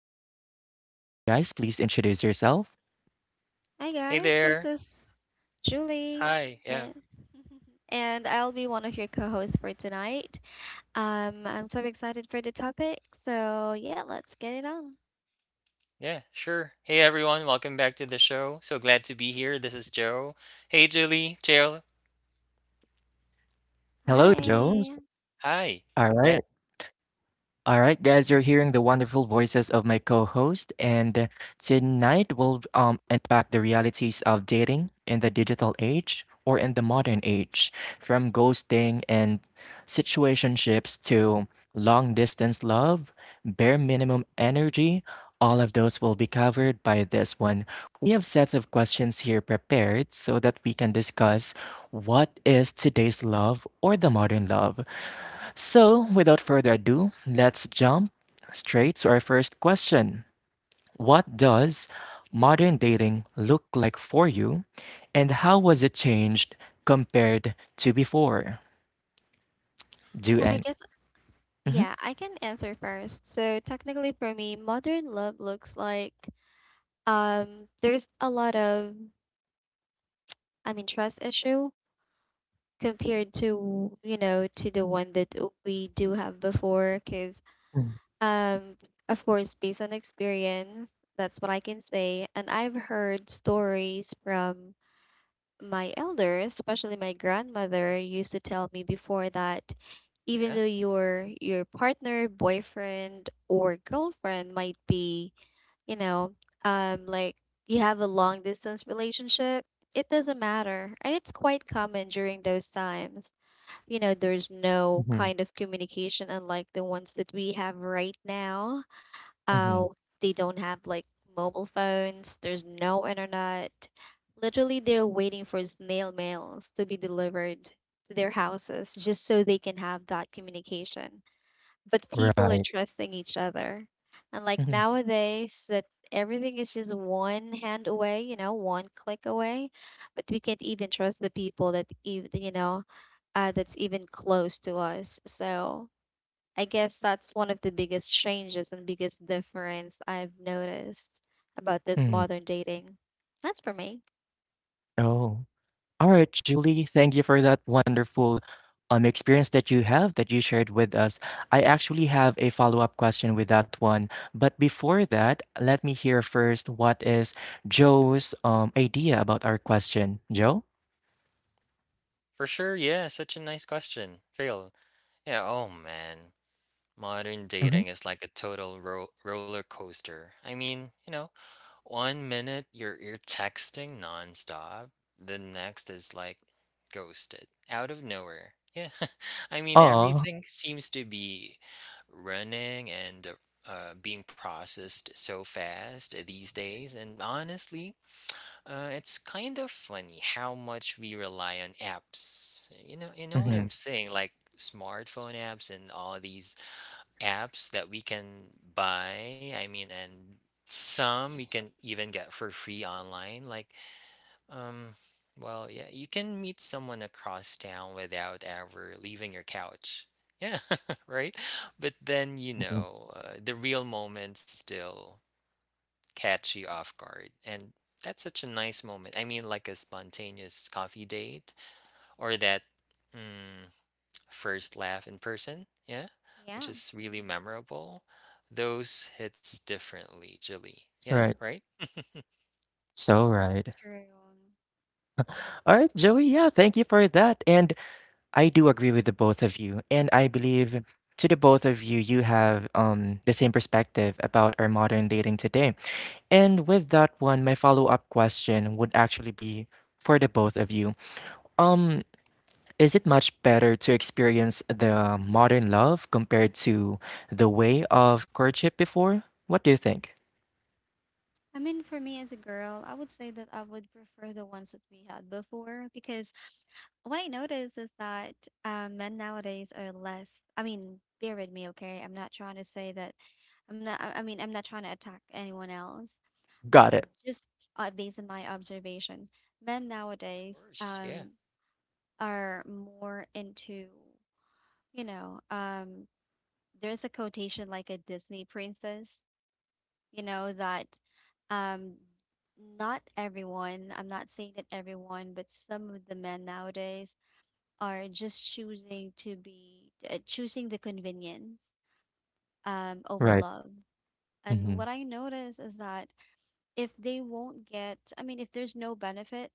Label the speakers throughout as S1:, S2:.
S1: here my co host. Guys, please introduce yourself.
S2: Hi
S3: Hey
S2: guys, this
S3: there.
S2: is Julie,
S3: Hi. Yeah.
S2: and, and I'll be one of your co-hosts for tonight. I'm so excited for the topic, so yeah, let's get it on.
S3: Yeah, sure. Hey everyone, welcome back to the show. So glad to be here. This is Joe. Hey Julie, Jill.
S1: Hello,
S2: Hi.
S1: Joe.
S3: Hi.
S1: All right. All right, guys, you're hearing the wonderful voices of my co-host, and tonight we'll unpack the realities of dating in the digital age or in the modern age, from ghosting and situationships to long-distance love, bare minimum energy. All of those will be covered by this one. We have sets of questions here prepared so that we can discuss what is today's love or the modern love. So, without further ado, let's jump straight to our first question. What does modern dating look like for you, and how was it changed compared to before? Do
S2: I
S1: and
S2: guess
S1: Mm-hmm.
S2: yeah, I can answer first. So technically, for me, modern love looks like there's I mean, trust issue compared to you know to the one that we do have before, because Um, of course, based on experience, that's what I can say. And I've heard stories from my elders, especially my grandmother, used to tell me before that even
S3: Yeah,
S2: though your partner, boyfriend, or girlfriend might be, you know, like you have a long distance relationship, it doesn't matter. And it's quite common during those times. You know, there's no
S1: Mm-hmm.
S2: kind of communication unlike the ones that we have right now.
S1: Mm-hmm.
S2: uh, they don't have like mobile phones, there's no internet. Literally, they're waiting for snail mails to be delivered to their houses just so they can have that communication. But people are
S1: Right.
S2: trusting each other. And like
S1: Mm-hmm.
S2: nowadays, that everything is just one hand away, you know, one click away. But we can't even trust the people that's even close to us. So I guess that's one of the biggest changes and biggest difference I've noticed about this
S1: Mm.
S2: modern dating. That's for me.
S1: Oh. All right, Julie, thank you for that wonderful experience that you have that you shared with us. I actually have a follow up question with that one. But before that, let me hear first what is Joe's idea about our question. Joe?
S3: for sure. Yeah, such a nice question. Jill. Yeah, oh man. Modern
S1: Mm-hmm.
S3: dating is like a total ro roller coaster. One minute you're texting nonstop, the next is like ghosted out of nowhere. Yeah, I mean
S1: Oh,
S3: everything seems to be running and being processed so fast these days. And honestly, it's kind of funny how much we rely on apps. You know what
S1: mm-hmm.
S3: I'm saying? Like smartphone apps and all these apps that we can buy. I mean, and some we can even get for free online. Like, um, well, yeah, you can meet someone across town without ever leaving your couch. Yeah, right. But then, the real moments still catch you off guard. And that's such a nice moment. I mean, like a spontaneous coffee date or that. hmm, first laugh in person, yeah, which
S2: Yeah,
S3: is really memorable. Those hits differently, Julie. Yeah,
S1: Right.
S3: right?
S1: So
S2: that's
S1: right.
S2: true.
S1: All right, Joey. Yeah, thank you for that. And I do agree with the both of you. And I believe to the both of you, you have the same perspective about our modern dating today. And with that one, my follow-up question would actually be for the both of you. Um, is it much better to experience the modern love compared to the way of courtship before? What do you think?
S2: I mean, for me as a girl, I would say that I would prefer the ones that we had before because what I noticed is that men nowadays are less. I mean, bear with me, okay? I'm not trying to say that. I'm not. I mean, I'm not trying to attack anyone else, but
S1: Got it.
S2: just based on my observation, men
S3: Of
S2: nowadays,
S3: course. Yeah,
S2: are more into, you know, um, there's a quotation like a Disney princess, you know, that um, not everyone, I'm not saying that everyone, but some of the men nowadays are just choosing to be, choosing the convenience over
S1: Right.
S2: love.
S1: Mm-hmm.
S2: And what I notice is that if they won't get, I mean, if there's no benefit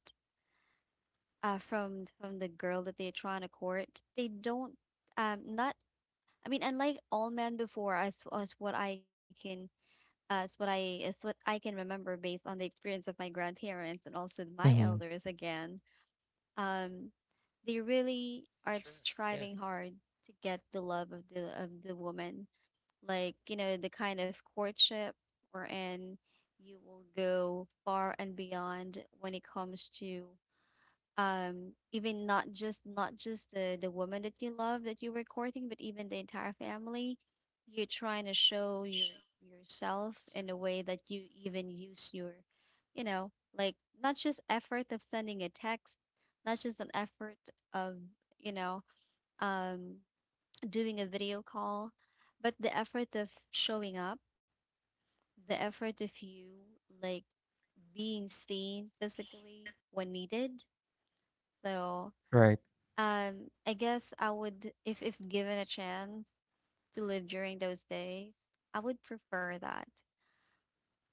S2: from the girl that they're trying to court, they don't not I mean, unlike all men before, as what I can as what I can remember based on the experience of my grandparents and also my
S1: Mm-hmm.
S2: elders again, um, they really are
S3: sure. Yeah.
S2: striving hard to get the love of the woman. Like, you know, the kind of courtship wherein you will go far and beyond when it comes to even not just the woman that you love that you were courting but even the entire family you're trying to show yourself in a way that you even use your you know like not just effort of sending a text, not just an effort of you know um doing a video call, but the effort of showing up, the effort of you like being seen physically when needed. So
S1: Right.
S2: I guess I would, if given a chance to live during those days, I would prefer that.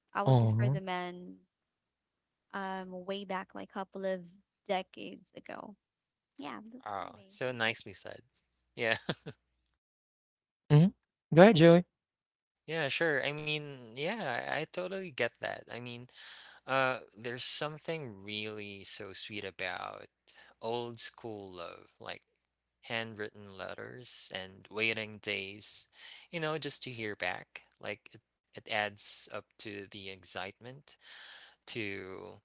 S2: I would prefer the
S1: Oh.
S2: men way back like couple of decades ago. Yeah, that's for
S3: Oh,
S2: me.
S3: so nicely said. Yeah.
S1: Mm-hmm. Go ahead, Joey.
S3: Yeah, sure. I mean, yeah, I totally get that. I mean, there's something really so sweet about old school love, like handwritten letters and waiting days, you know, just to hear back. It adds up to the excitement, to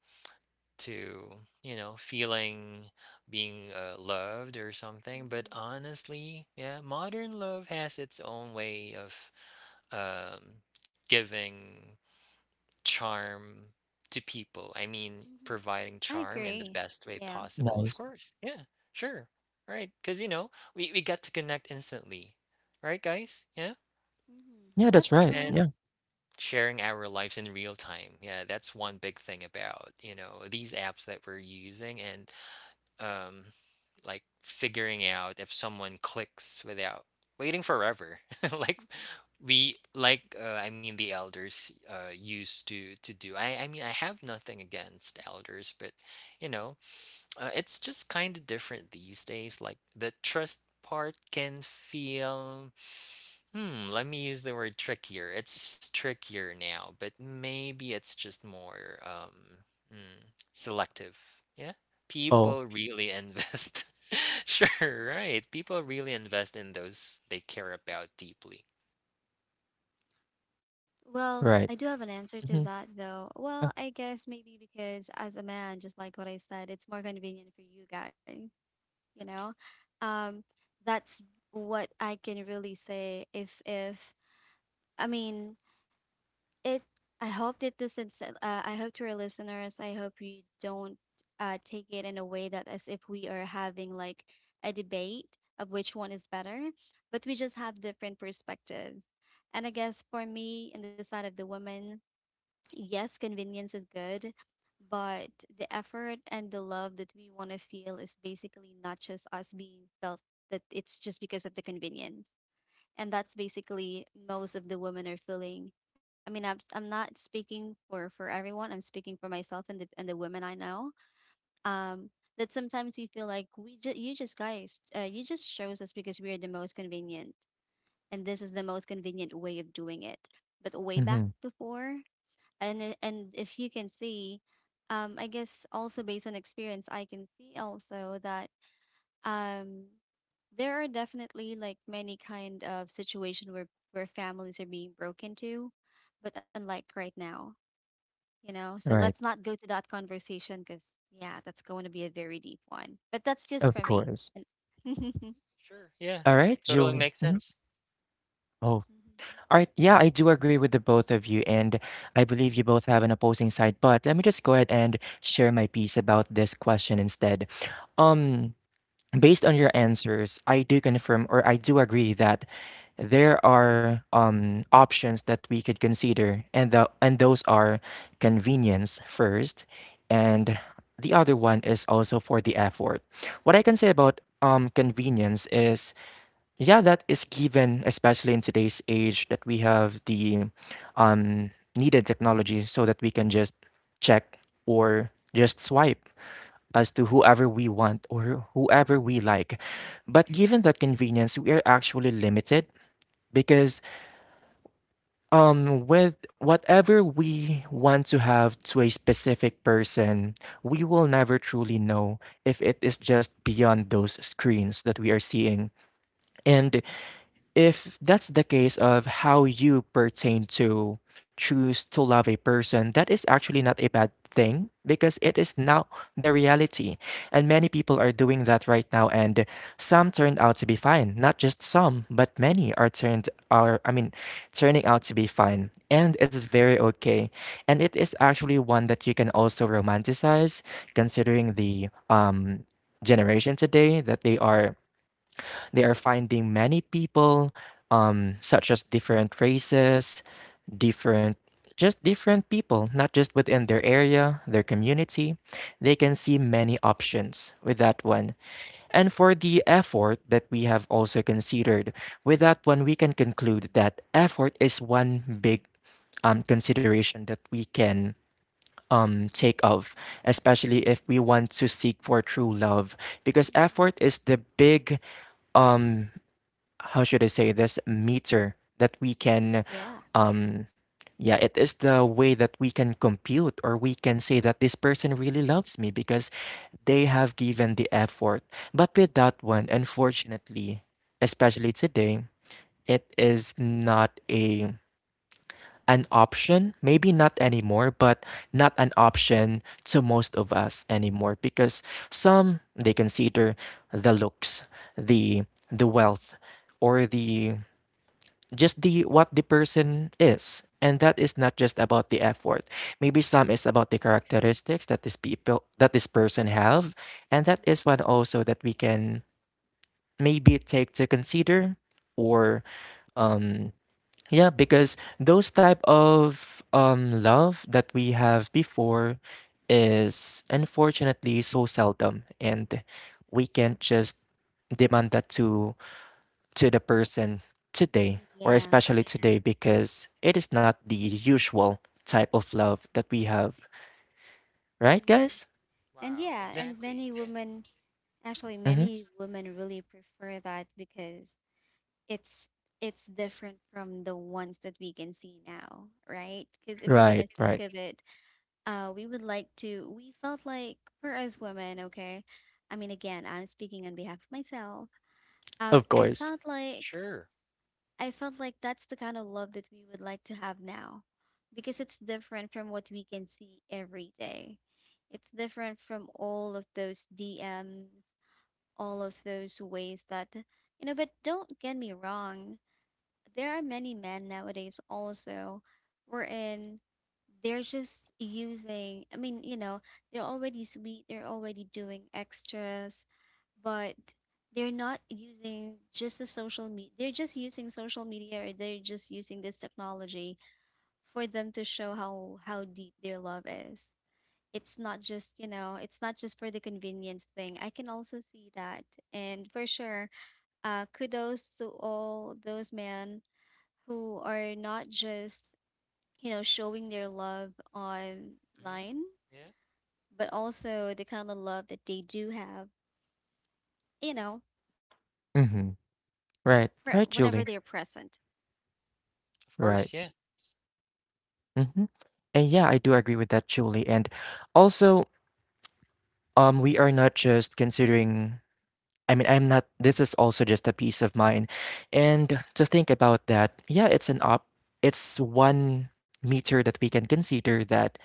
S3: to you know, feeling being loved or something. But
S2: hmm
S3: honestly, yeah, modern love has its own way of um giving charm to people. I mean,
S2: hmm
S3: providing
S2: I
S3: charm in the
S2: agree.
S3: best way
S2: Yeah,
S3: possible. Of
S1: Nice.
S3: course. Yeah. Sure. Right. Because, you know, we get to connect instantly. Right, guys? Yeah.
S1: Yeah, that's
S2: that's
S1: right.
S3: And
S1: Yeah.
S2: true.
S3: sharing our lives in real time. Yeah. That's one big thing about, you know, these apps that we're using and um, like figuring out if someone clicks without waiting forever. Like we like I mean the elders used to do. I mean I have nothing against elders, but you know, it's just kind of different these days. Like the trust part can feel, let me use the word trickier. It's trickier now, but maybe it's just more mm, selective. Yeah.
S1: Oh,
S3: People really invest. Sure, right. People really invest in those they care about deeply.
S2: Well, I
S1: right.
S2: do have an answer to
S1: Mm-hmm.
S2: that though.
S1: Uh,
S2: Well, I guess maybe because as a man, just like what I said, it's more convenient for you guys. you know um that's what I can really say. If I mean it I hope that this is, I hope to our listeners, I hope you don't take it in a way that as if we are having like a debate of which one is better, but we just have different perspectives. And I guess for me, in the side of the woman, yes, convenience is good, but the effort and the love that we want to feel is basically not just us being felt that it's just because of the convenience. And that's basically most of the women are feeling. I mean, I'm not speaking for, everyone. I'm speaking for myself and the women I know. Um, that sometimes we feel like you just guys, you just chose us because we are the most convenient, and this is the most convenient way of doing it. But way back
S1: mm-hmm.
S2: before, and I- and if you can see, I guess also based on experience I can see also that um there are definitely like many kind of situation where families are being broken to, but unlike right now, you know. So let's
S1: Right.
S2: not go to that conversation because yeah, that's going to be a very deep one, but that's just
S1: Of
S2: for me.
S1: course.
S2: And- Mhm.
S3: Sure. Yeah.
S1: All right,
S3: Totally
S1: Julie.
S3: makes
S1: Mm-hmm.
S3: sense.
S1: Oh, all right. Yeah, I do agree with the both of you, and I believe you both have an opposing side. But let me just go ahead and share my piece about this question instead. Um, based on your answers, I do confirm or I do agree that there are options that we could consider, and the and those are convenience first, and the other one is also for the effort. What I can say about convenience is yeah, that is given, especially in today's age, that we have the um, needed technology so that we can just check or just swipe as to whoever we want or whoever we like.
S3: For
S1: But
S3: sure.
S1: given that convenience, we are actually limited because with whatever we want to have to a specific person, we will never truly know if it is just beyond those screens that we are seeing and if that's the case of how you pertain to choose to love a person, that is actually not a bad thing because it is now the reality. And many people are doing that right now and some turned out to be fine. Not just some, but many are turned are I mean turning out to be fine. And it's very okay. And it is actually one that you can also romanticize considering the generation today that they are finding many people, such as different races, different, just different people, not just within their area, their community. They can see many options with that one. And for the effort that we have also considered, with that one, we can conclude that effort is one big consideration that we can take of, especially if we want to seek for true love, because effort is the big how should I say this meter that we can
S2: Yeah.
S1: um yeah it is the way that we can compute or we can say that this person really loves me because they have given the effort but with that one unfortunately especially today it is not a an option maybe not anymore but not an option to most of us anymore because some they consider the looks the the
S2: Mm-hmm.
S1: wealth or the just the what the person is and that is not just about the effort maybe some is about the
S3: Sure.
S1: characteristics that this people that this person have and that
S2: Yeah.
S1: is one also that we can maybe take to consider or um yeah because those type of love that we have before is unfortunately so seldom and we can't just demand that to the person today, or
S2: Yeah.
S1: especially today, because it is not the usual type of love that we have, right,
S2: Mhm.
S1: guys?
S2: And
S3: Wow.
S2: yeah, and
S3: Exactly.
S2: many
S3: Yeah.
S2: women actually,
S1: Mm-hmm.
S2: many women really prefer that because it's it's different from the ones that we can see now, right? Because if you're
S1: Right,
S2: gonna think
S1: right.
S2: of it, we would like to. We felt like for us women, okay. I mean, again, I'm speaking on behalf of myself. Um,
S1: Of
S2: I
S1: course.
S2: felt like
S3: Sure.
S2: I felt like that's the kind of love that we would like to have now, because it's different from what we can see every day. It's different from all of those DMs, all of those ways that, you know, but don't get me wrong, there are many men nowadays also wherein they're just using, I mean, you know, they're already sweet, they're already doing extras, but they're not using just the social media, they're just using social media or they're just using this technology for them to show how deep their love is. It's not just, you know, it's not just for the convenience thing, I can also see that. And for sure, kudos to all those men who are not just, you know, showing their love
S3: hmm.
S2: online,
S3: Yeah.
S2: but also the kind of love that they do have, you know,
S1: Mm-hmm.
S2: whenever they're present.
S1: Right, right, Julie.
S3: Of course.
S1: Right.
S3: Yeah.
S1: Mm-hmm. And yeah, I do agree with that, Julie. And also, we are not just considering. I mean, I'm not. This is also just a peace of mind, and to think about that, yeah, it's an op. It's one meter that we can consider that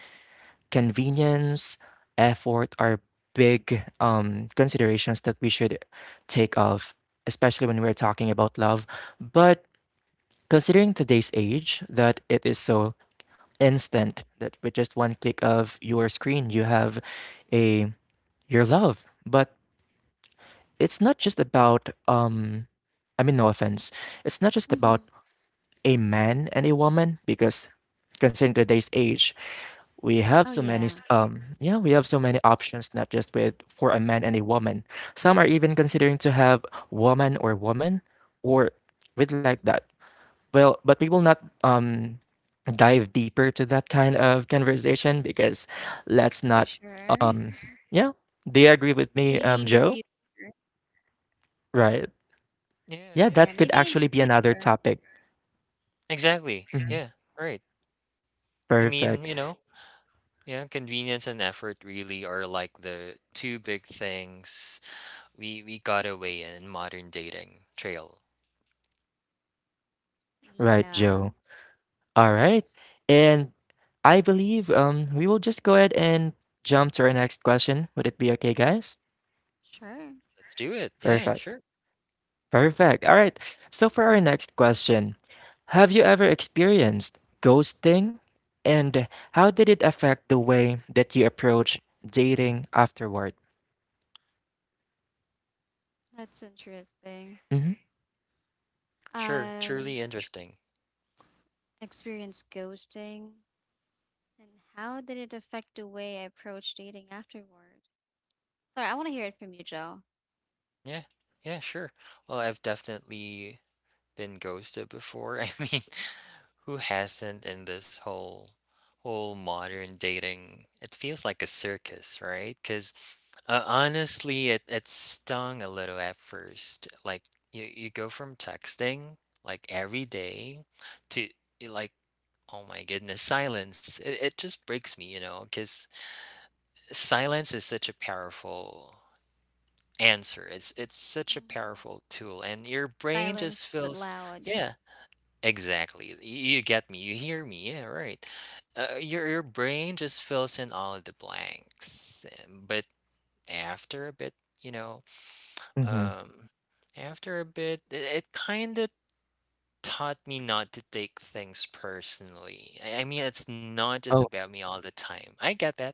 S1: convenience, effort are big considerations that we should take of, especially when we're talking about love. But considering today's age, that it is so instant that with just one click of your screen, you have a your love. But it's not just about I mean, no offense. It's not just about
S2: hmm
S1: a man and a woman because considering today's age, we
S2: oh
S1: have so
S2: yeah.
S1: many s- yeah we have so many options not just with for a man and a woman some are even considering to have woman or woman or with like
S2: hmm
S1: that well but we will not dive deeper to that kind of conversation because let's
S2: for
S1: not
S2: sure.
S1: um yeah do you agree with me
S2: Maybe in the
S1: joe
S2: future.
S1: right
S3: Yeah,
S1: yeah
S2: Yeah,
S3: yeah,
S1: that
S3: for
S1: could
S2: maybe in the
S3: sure.
S1: actually be another
S2: future.
S1: topic.
S3: Exactly.
S1: Mhm.
S3: Yeah, right. I mean,
S1: Perfect.
S3: you know, yeah, convenience and effort really are like the two big things we got away in modern dating, Trail.
S1: Right,
S2: Yeah,
S1: Joe. All right. And I believe we will just go ahead and jump to our next question. Would it be okay, guys?
S2: sure.
S3: Let's do it. Yeah,
S1: Perfect.
S3: sure.
S1: Perfect. All right. So for our next question, have you ever experienced ghosting? And how did it affect the way that you approach dating afterward?
S2: That's interesting.
S1: Mm-hmm.
S3: Sure.
S2: Um,
S3: Truly interesting.
S2: Experienced ghosting, and how did it affect the way I approach dating afterward? Sorry, I want to hear it from you, Joe.
S3: Yeah. Yeah, sure. Well, I've definitely been ghosted before. I mean, who hasn't in this whole modern dating? It feels like a circus, right? Because honestly, it stung a little at first. Like you go from texting like every day to like oh my goodness, silence. It just breaks me, you know, because silence is such a powerful answer. It's such a
S2: Mm-hmm.
S3: powerful tool, and your brain just
S2: Silence but
S3: feels
S2: loud.
S3: yeah. Exactly. You get me. You hear me. Yeah, right. Your brain just fills in all of the blanks. But after a bit, you know,
S1: Mm-hmm.
S3: um, after a bit, it kind of taught me not to take things personally. I mean, it's not just
S1: Oh.
S3: about me all the time. I get that.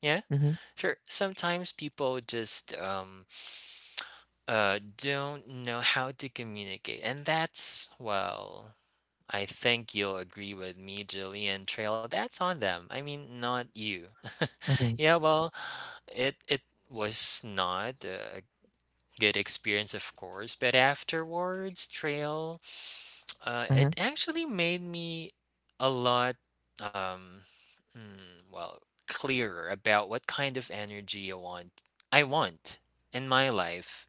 S3: Yeah,
S1: Mm-hmm.
S3: sure. Sometimes people just don't know how to communicate, and that's well. I think you'll agree with me, Julian Trail. That's on them. I mean, not you.
S1: Mm-hmm.
S3: Yeah, well, it was not a good experience, of course, but afterwards, Trail,
S1: Mm-hmm.
S3: it actually made me a lot, um, well, clearer about what kind of energy I want. I want in my life.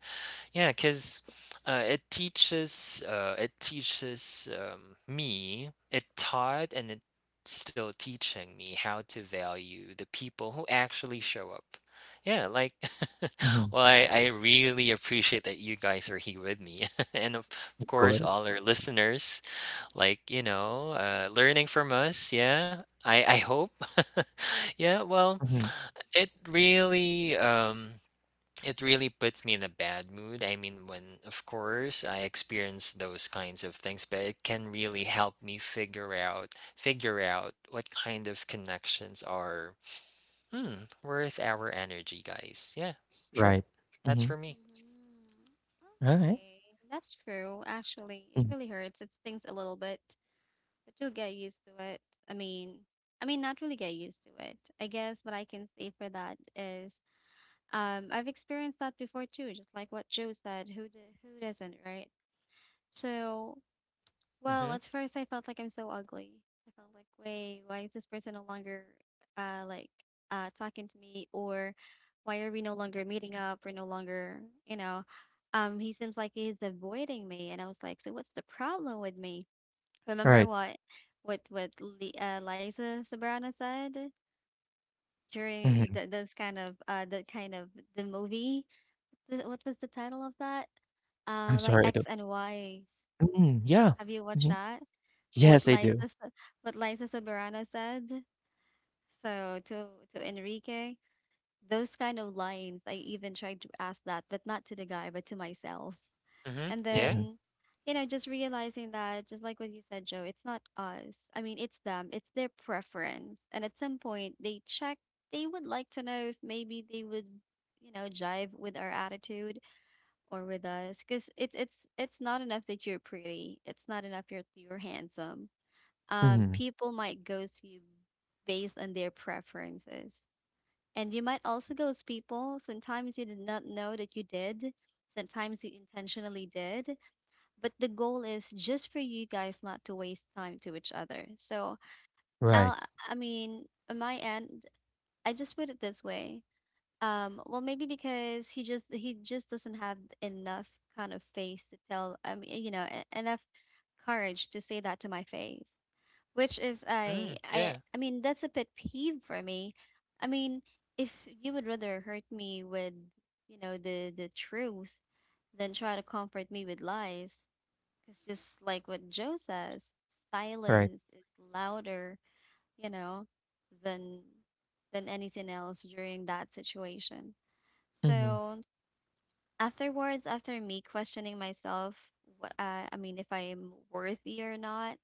S3: Yeah, because it teaches me, it taught and it's still teaching me how to value the people who actually show up. Yeah, like
S1: Mm-hmm.
S3: well, I really appreciate that you guys are here with me. And of
S1: Of
S3: course
S1: course.
S3: all our listeners, like, you know, learning from us, yeah. I hope. Yeah, well,
S1: Mm-hmm.
S3: it really um it really puts me in a bad mood. I mean, when, of course, I experience those kinds of things, but it can really help me figure out what kind of connections are worth our energy, guys. Yeah, sure.
S1: Right.
S3: That's
S1: Mm-hmm.
S3: for me.
S2: Mm-hmm.
S1: All right.
S2: Okay, that's true. Actually, it
S1: Mm-hmm.
S2: really hurts. It stings a little bit, but you'll get used to it. I mean, I mean, not really get used to it. I guess what I can say for that is, I've experienced that before too, just like what Joe said. Who doesn't, right? So well,
S3: Mm-hmm.
S2: at first I felt like I'm so ugly. I felt like, wait, why is this person no longer uh like talking to me, or why are we no longer meeting up? We're no longer, you know, he seems like he's avoiding me and I was like, so what's the problem with me?
S1: All
S2: Remember
S1: right.
S2: what Li Liza Sobrano said during
S1: Mm-hmm.
S2: th this kind of that kind of the movie? Th What was the title of that?
S1: I'm
S2: My
S1: sorry. I don't...
S2: Ex and Wives.
S1: Mm, yeah.
S2: Have you watched that? what
S1: Yes, I
S2: Liza
S1: do.
S2: s- what Liza Soberano said. To Enrique, those kind of lines, I even tried to ask that, but not to the guy, but to myself.
S3: Mm-hmm.
S2: And
S3: Yeah.
S1: Mhm,
S2: then, you know, just realizing that, just like what you said, Joe, it's not us. I mean, it's them. It's their preference. And at some point, they check. They would like to know if maybe they would, you know, jive with our attitude or with us, because it's not enough that you're pretty. It's not enough you're handsome.
S1: mhm.
S2: People might ghost you based on their preferences. And you might also ghost people. Sometimes you did not know that you did. Sometimes you intentionally did. But the goal is just for you guys not to waste time to each other. So
S1: Right,
S2: I'll, I mean, on my end, I just put it this way. Well, maybe because he just doesn't have enough kind of face to tell. I mean, you know, enough courage to say that to my face, which is
S3: Mm, yeah.
S2: I mean that's a pet peeve for me. I mean, if you would rather hurt me with, you know, the truth than try to comfort me with lies, it's just like what Joe says,
S1: right.
S2: silence is louder, you know, than than anything else during that situation.
S1: Mhm,
S2: So afterwards, after me questioning myself, what I mean, if I'm worthy or not,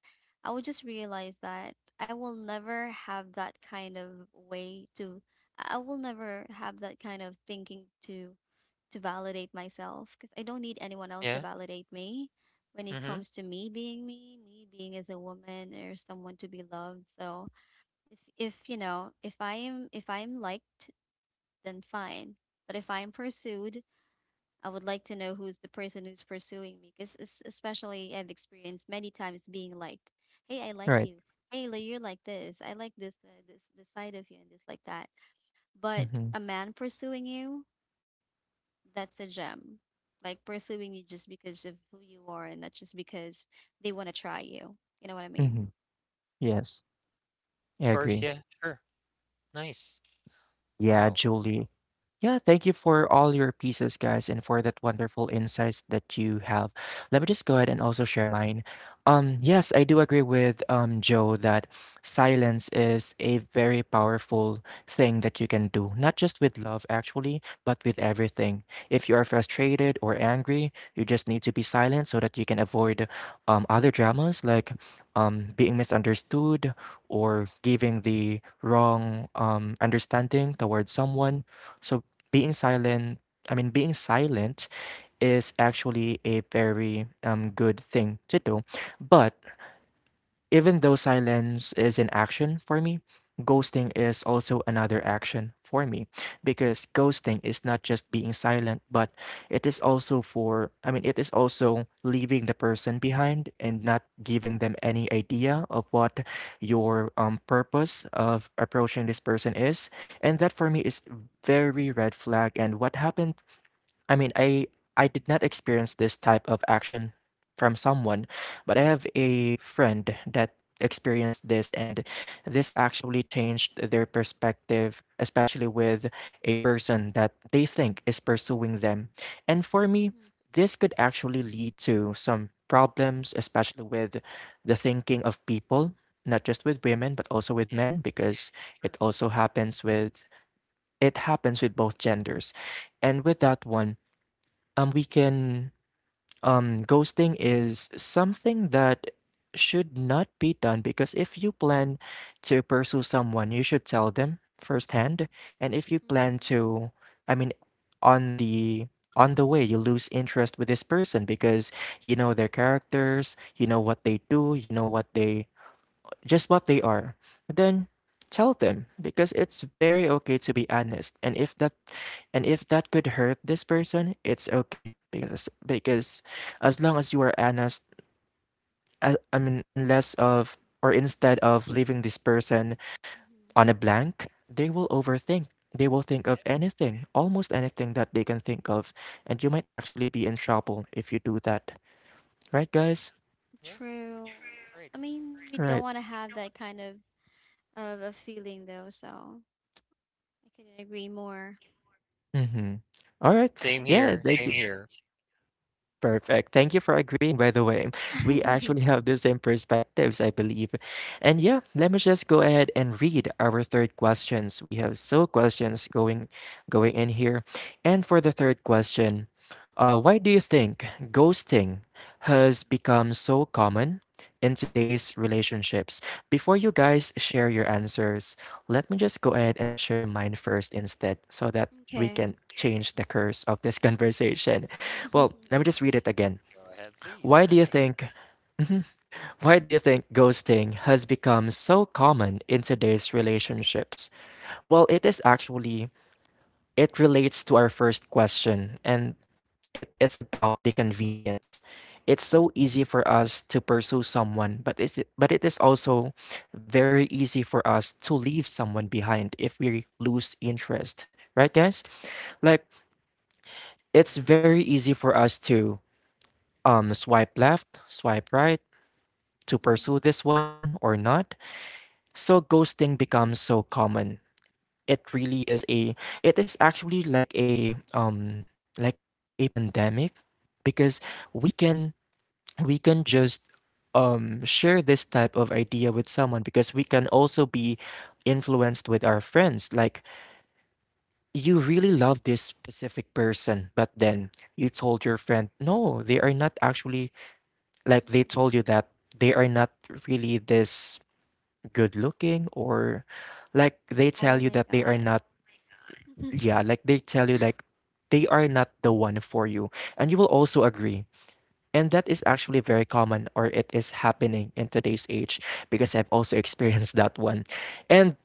S2: I would just realize that I will never have that kind of way to, I will never have that kind of thinking to validate myself because I don't need anyone else to
S3: Yeah.
S2: validate me when it
S3: Mm-hmm.
S2: comes to me being me, me being as a woman or someone to be loved. So if you know if I am if I'm liked, then fine. But if I'm pursued, I would like to know who's the person who's pursuing me, because especially I've experienced many times being liked. Hey, I like
S1: right.
S2: you. Hey, Lo, you're like this. I like this side of you, and this like that. But
S1: Mhm,
S2: a man pursuing you, that's a gem. Like pursuing you just because of who you are, and not just because they want to try you. You know what I mean?
S1: mhm. Yes, I
S3: Of course.
S1: agree.
S3: Yeah. Sure. Nice.
S1: Yeah,
S3: Wow.
S1: Julie. Yeah, thank you for all your pieces, guys, and for that wonderful insights that you have. Let me just go ahead and also share mine. Yes, I do agree with Joe that silence is a very powerful thing that you can do, not just with love actually, but with everything. If you are frustrated or angry, you just need to be silent so that you can avoid other dramas like being misunderstood or giving the wrong understanding towards someone. So being silent, I mean, being silent is actually a very good thing to do. But even though silence is an action for me, ghosting is also another action for me because ghosting is not just being silent, but it is also for, I mean, it is also leaving the person behind and not giving them any idea of what your purpose of approaching this person is. And that for me is very red flag. And what happened I mean, I did not experience this type of action from someone, but I have a friend that experienced this, and this actually changed their perspective, especially with a person that they think is pursuing them. And for me,
S2: Mm-hmm.
S1: this could actually lead to some problems, especially with the thinking of people, not just with women, but also with
S3: Yeah.
S1: men, because
S3: Sure.
S1: it also happens with it happens with both genders. And with that one, we can ghosting is something that should not be done because if you plan to pursue someone, you should tell them firsthand. And if you plan
S2: Mm-hmm.
S1: to, I mean, on the on the way, you lose interest with this person because you know their characters, you know what they do, you know what they just what they are, then tell them because it's very okay to be honest. And if that could hurt this person, it's okay because as long as you are honest, I mean unless of or instead of leaving this person
S2: Mm-hmm.
S1: on a blank, they will overthink. They will think of anything, almost anything that they can think of, and you might actually be in trouble if you do that. Right,
S3: Mhm.
S1: guys?
S3: Yeah.
S2: True.
S3: Great.
S2: I mean, we don't
S1: Right.
S2: want to have that kind of a feeling though, so I couldn't agree more.
S1: Mhm. All right.
S3: Same
S1: Yeah,
S3: here.
S1: thank you.
S3: Same here.
S1: Perfect. Thank you for agreeing, by the way. We actually have the same perspectives, I believe. And yeah, let me just go ahead and read our third questions. We have so questions going in here. And for the third question, why do you think ghosting has become so common in today's relationships. Before you guys share your answers, let me just go ahead and share mine first instead so that we
S2: Okay.
S1: can change the course of this conversation. Well, let me just read it again.
S3: Go ahead, please.
S1: Why do you think why do you think ghosting has become so common in today's relationships? Well, it is actually it relates to our first question, and it is about the convenience. It's so easy for us to pursue someone, but it is also very easy for us to leave someone behind if we lose interest, right, guys? Like, it's
S3: Mm-hmm.
S1: very easy for us to swipe left, swipe right, to pursue
S2: Mhm,
S1: this one or not. So ghosting becomes so common. It really is a it is actually like a pandemic because we can we can just share this type of idea with someone because we can also be influenced with our friends, like you really love this specific person, but then you told your friend no, they are not actually, like they
S2: mhm.
S1: told you that they are not really this good looking, or like they
S2: Oh
S1: tell you
S2: my
S1: that they are
S2: God.
S1: not, yeah, like they tell you, like they are not the one for you and you will also agree. And that is actually very common, or it is happening in today's age because I've also experienced that one. And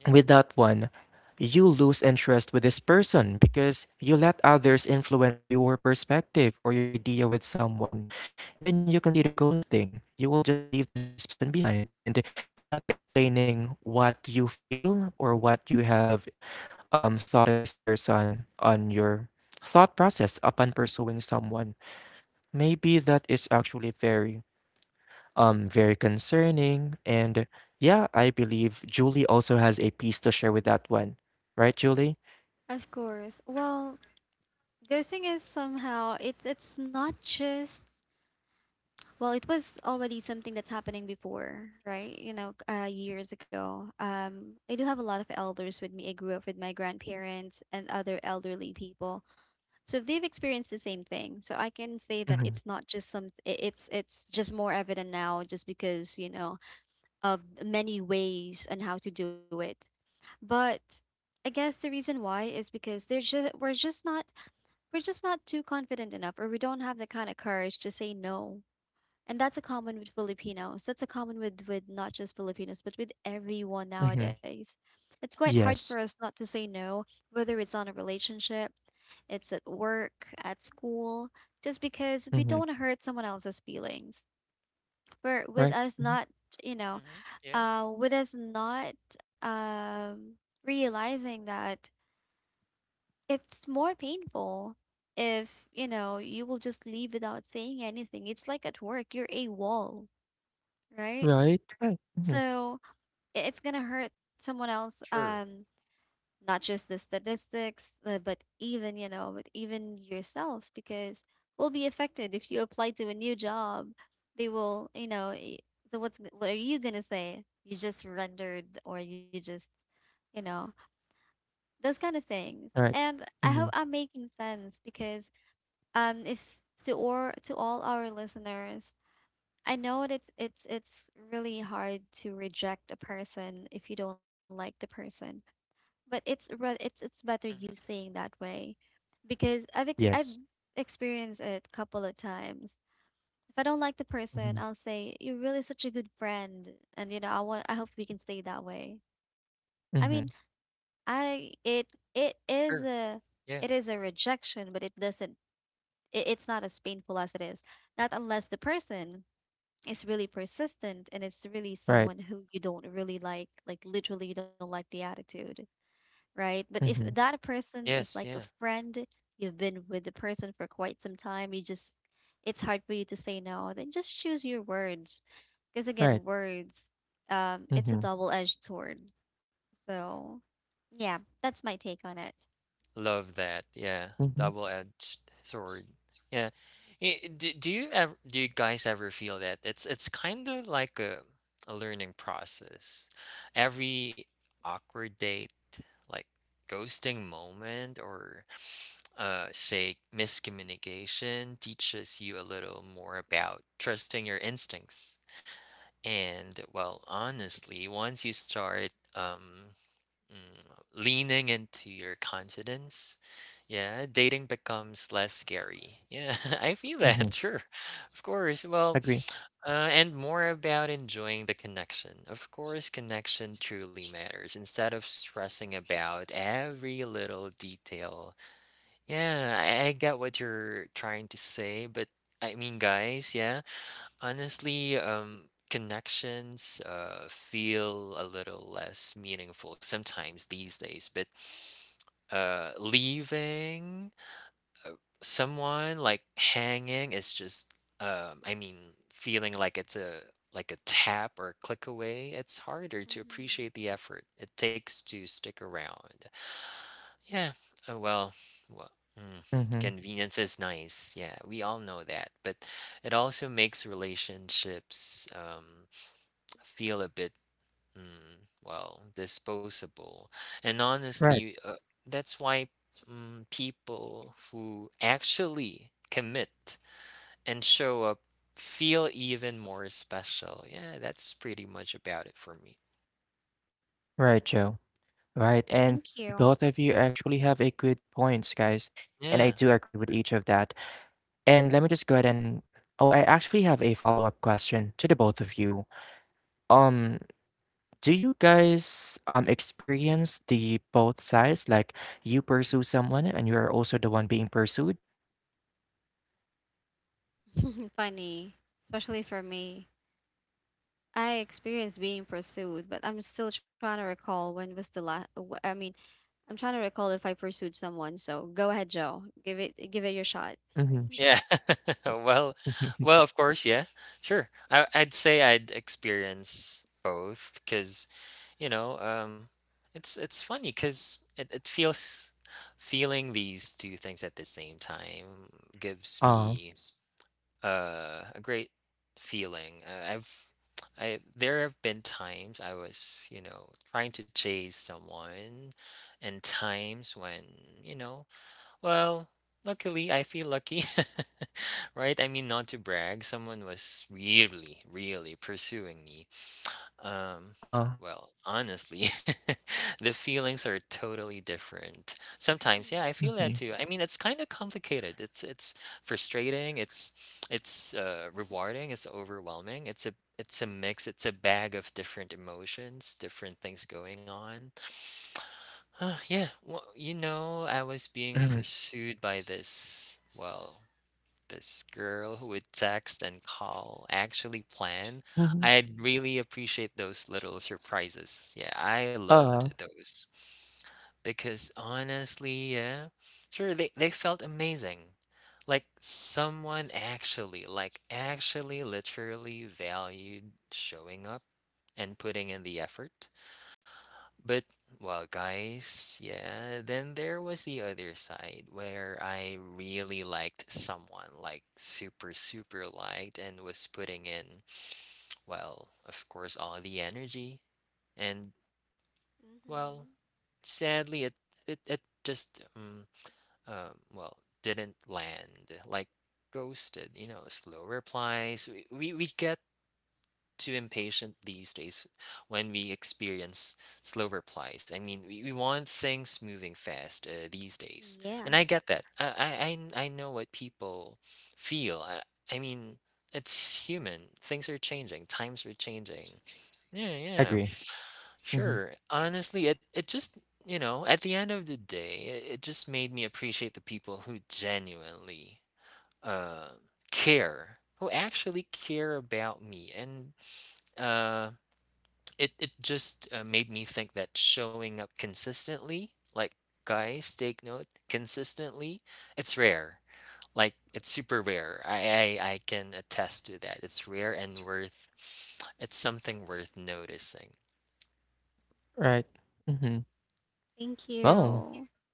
S3: Yeah.
S1: with that one, you lose interest with this person because you let others influence your perspective or your idea with someone. And then you consider ghosting. You will just leave this person behind and not explaining what you feel or what you have thought of this person on your thought process upon pursuing someone. Maybe that is actually very, very concerning. And yeah, I believe Julie also has a piece to share with that one, right, Julie?
S2: Of course. Well, ghosting is somehow it's not just well, it was already something that's happening before, right? You know, years ago. I do have a lot of elders with me. I grew up with my grandparents and other elderly people, so they've experienced the same thing. So I can say that
S1: Mm-hmm.
S2: it's not just some. It's just more evident now, just because you know of many ways on how to do it. But I guess the reason why is because they're just we're just not too confident enough, or we don't have the kind of courage to say no. And that's a common with Filipinos. That's a common with not just Filipinos, but with everyone
S1: Mm-hmm.
S2: nowadays. It's quite hard for
S1: Yes.
S2: us not to say no, whether it's on a relationship, it's at work, at school, just because we don't
S1: Mm-hmm.
S2: want to hurt someone else's feelings. But with
S1: Right.
S2: us
S1: Mhm.
S2: not, you know,
S3: Mm-hmm. Yeah.
S2: with us not um, realizing that it's more painful if you know you will just leave without saying anything. It's like at work, you're a wall, right?
S1: Right. Right. Mm-hmm.
S2: So it's gonna hurt someone else.
S3: Sure.
S2: Not just the statistics, but even you know, but even yourself, because will be affected if you apply to a new job. They will, you know. So what's what are you gonna say? You just rendered, or you just you know those kind of things.
S1: Right.
S2: And I
S1: Mm-hmm.
S2: hope I'm making sense because if to or to all our listeners, I know that it's really hard to reject a person if you don't like the person. But it's better you
S3: Hmm.
S2: saying that way because I've
S1: Yes.
S2: experienced it a couple of times. If I don't like the person, I'll
S1: Mm-hmm.
S2: say you're really such a good friend, and you know I want I hope we can stay that way. I mean
S1: Mm-hmm.
S2: I it is
S3: Sure.
S2: a
S3: Yeah.
S2: it is a rejection, but it doesn't it's not as painful as it is. Not unless the person is really persistent and it's really
S1: Right.
S2: someone who you don't really like literally you don't like the attitude, right? But if
S1: Mm-hmm.
S2: that person is like
S3: Yes.
S2: a
S3: Yeah.
S2: friend, you've been with the person for quite some time, you just it's hard for you to say no, then just choose your words. Because again,
S1: Right.
S2: words, it's a
S1: Mm-hmm.
S2: double-edged sword. So, yeah, that's my take on it.
S3: Love that. Yeah.
S1: Mm-hmm.
S3: Double-edged sword. Yeah. Do you ever do you guys ever feel that it's kind of like a learning process? Every awkward date, like ghosting moment, or say miscommunication, teaches you a little more about trusting your instincts. And well, honestly, once you start leaning into your confidence, yeah, dating becomes less scary. Yeah, I feel that,
S1: Mm-hmm.
S3: sure. Of course. Well,
S1: Agree.
S3: and more about enjoying the connection. Of course, connection truly matters instead of stressing about every little detail. Yeah, I get what you're trying to say, but I mean, guys, yeah. Honestly, connections feel a little less meaningful sometimes these days, but leaving uh, someone like hanging is just, I mean, feeling like it's a like a tap or a click away, it's harder to
S2: Mm-hmm.
S3: appreciate the effort it takes to stick around. Yeah. Oh well. Well, mm,
S1: Mm-hmm.
S3: convenience is nice. Yeah, we all know that, but it also makes relationships feel a bit well, disposable. And
S1: Right.
S3: honestly, that's why people who actually commit and show up feel even more special. Yeah, that's pretty much about it for me.
S1: Right, Joe. Right. And
S2: Thank you.
S1: both of you actually have a good points, guys. And I
S3: Yeah.
S1: do agree with each of that. And let me just go ahead and oh, I actually have a follow-up question to the both of you. Um, do you guys experience the both sides? Like you pursue someone and you are also the one being pursued?
S2: Funny, especially for me. I experienced being
S1: Oh,
S2: pursued, but I'm still trying to recall when was the last. I mean, I'm trying to recall if I pursued someone. So go ahead, Joe. Give it your shot.
S1: mm-hmm.
S3: Yeah.
S1: Yes.
S3: Well, well, of course, yeah. Sure. I I'd experience both because, you know, it's funny because it feels feeling these two things at the same time gives
S1: Uh,
S3: me a great feeling. I've I There have been times I was, you know, trying to chase someone and times when, you know, well, luckily, I feel lucky, right? I mean, not to brag, someone was really, really pursuing me. Um,
S1: uh,
S3: well, honestly, the feelings are totally different. Sometimes, yeah,
S2: Mm-hmm.
S3: I feel that
S1: mhm,
S3: too. I mean, it's kind of complicated. It's frustrating. It's rewarding. It's overwhelming. It's a mix. It's a bag of different emotions, different things going on. Yeah, well, you know, I was being
S1: mhm,
S3: pursued by this, well, this girl who would text and call, actually plan.
S1: mhm,
S3: I'd really appreciate those little surprises. Yeah, I loved
S1: uh,
S3: those. Because honestly, yeah, sure, they felt amazing. Like someone actually, like actually literally valued showing up and putting in the effort. But well, guys, yeah, then there was the other side where I really liked someone, like super, super liked, and was putting in, well, of course, all the energy. And well, sadly, it just um well didn't land, like ghosted. You know, slow replies. We get too impatient these days when we experience slow replies. I mean, we want things moving fast these days.
S2: Mm-hmm. Yeah.
S3: And I get that. I know what people feel. I mean, it's human. Things are changing, times are changing. Yeah, yeah,
S1: agree. Hmm.
S3: sure. Honestly, you know, at the end of the day, it just made me appreciate the people who genuinely uh, care, who actually care about me and uh, it it just made me think that showing up consistently, like guys, take note, consistently, it's rare. Like it's super rare. I can attest to that. It's rare and worth. It's something worth noticing.
S1: Right. Hmm.
S2: Thank
S1: Oh,
S2: you.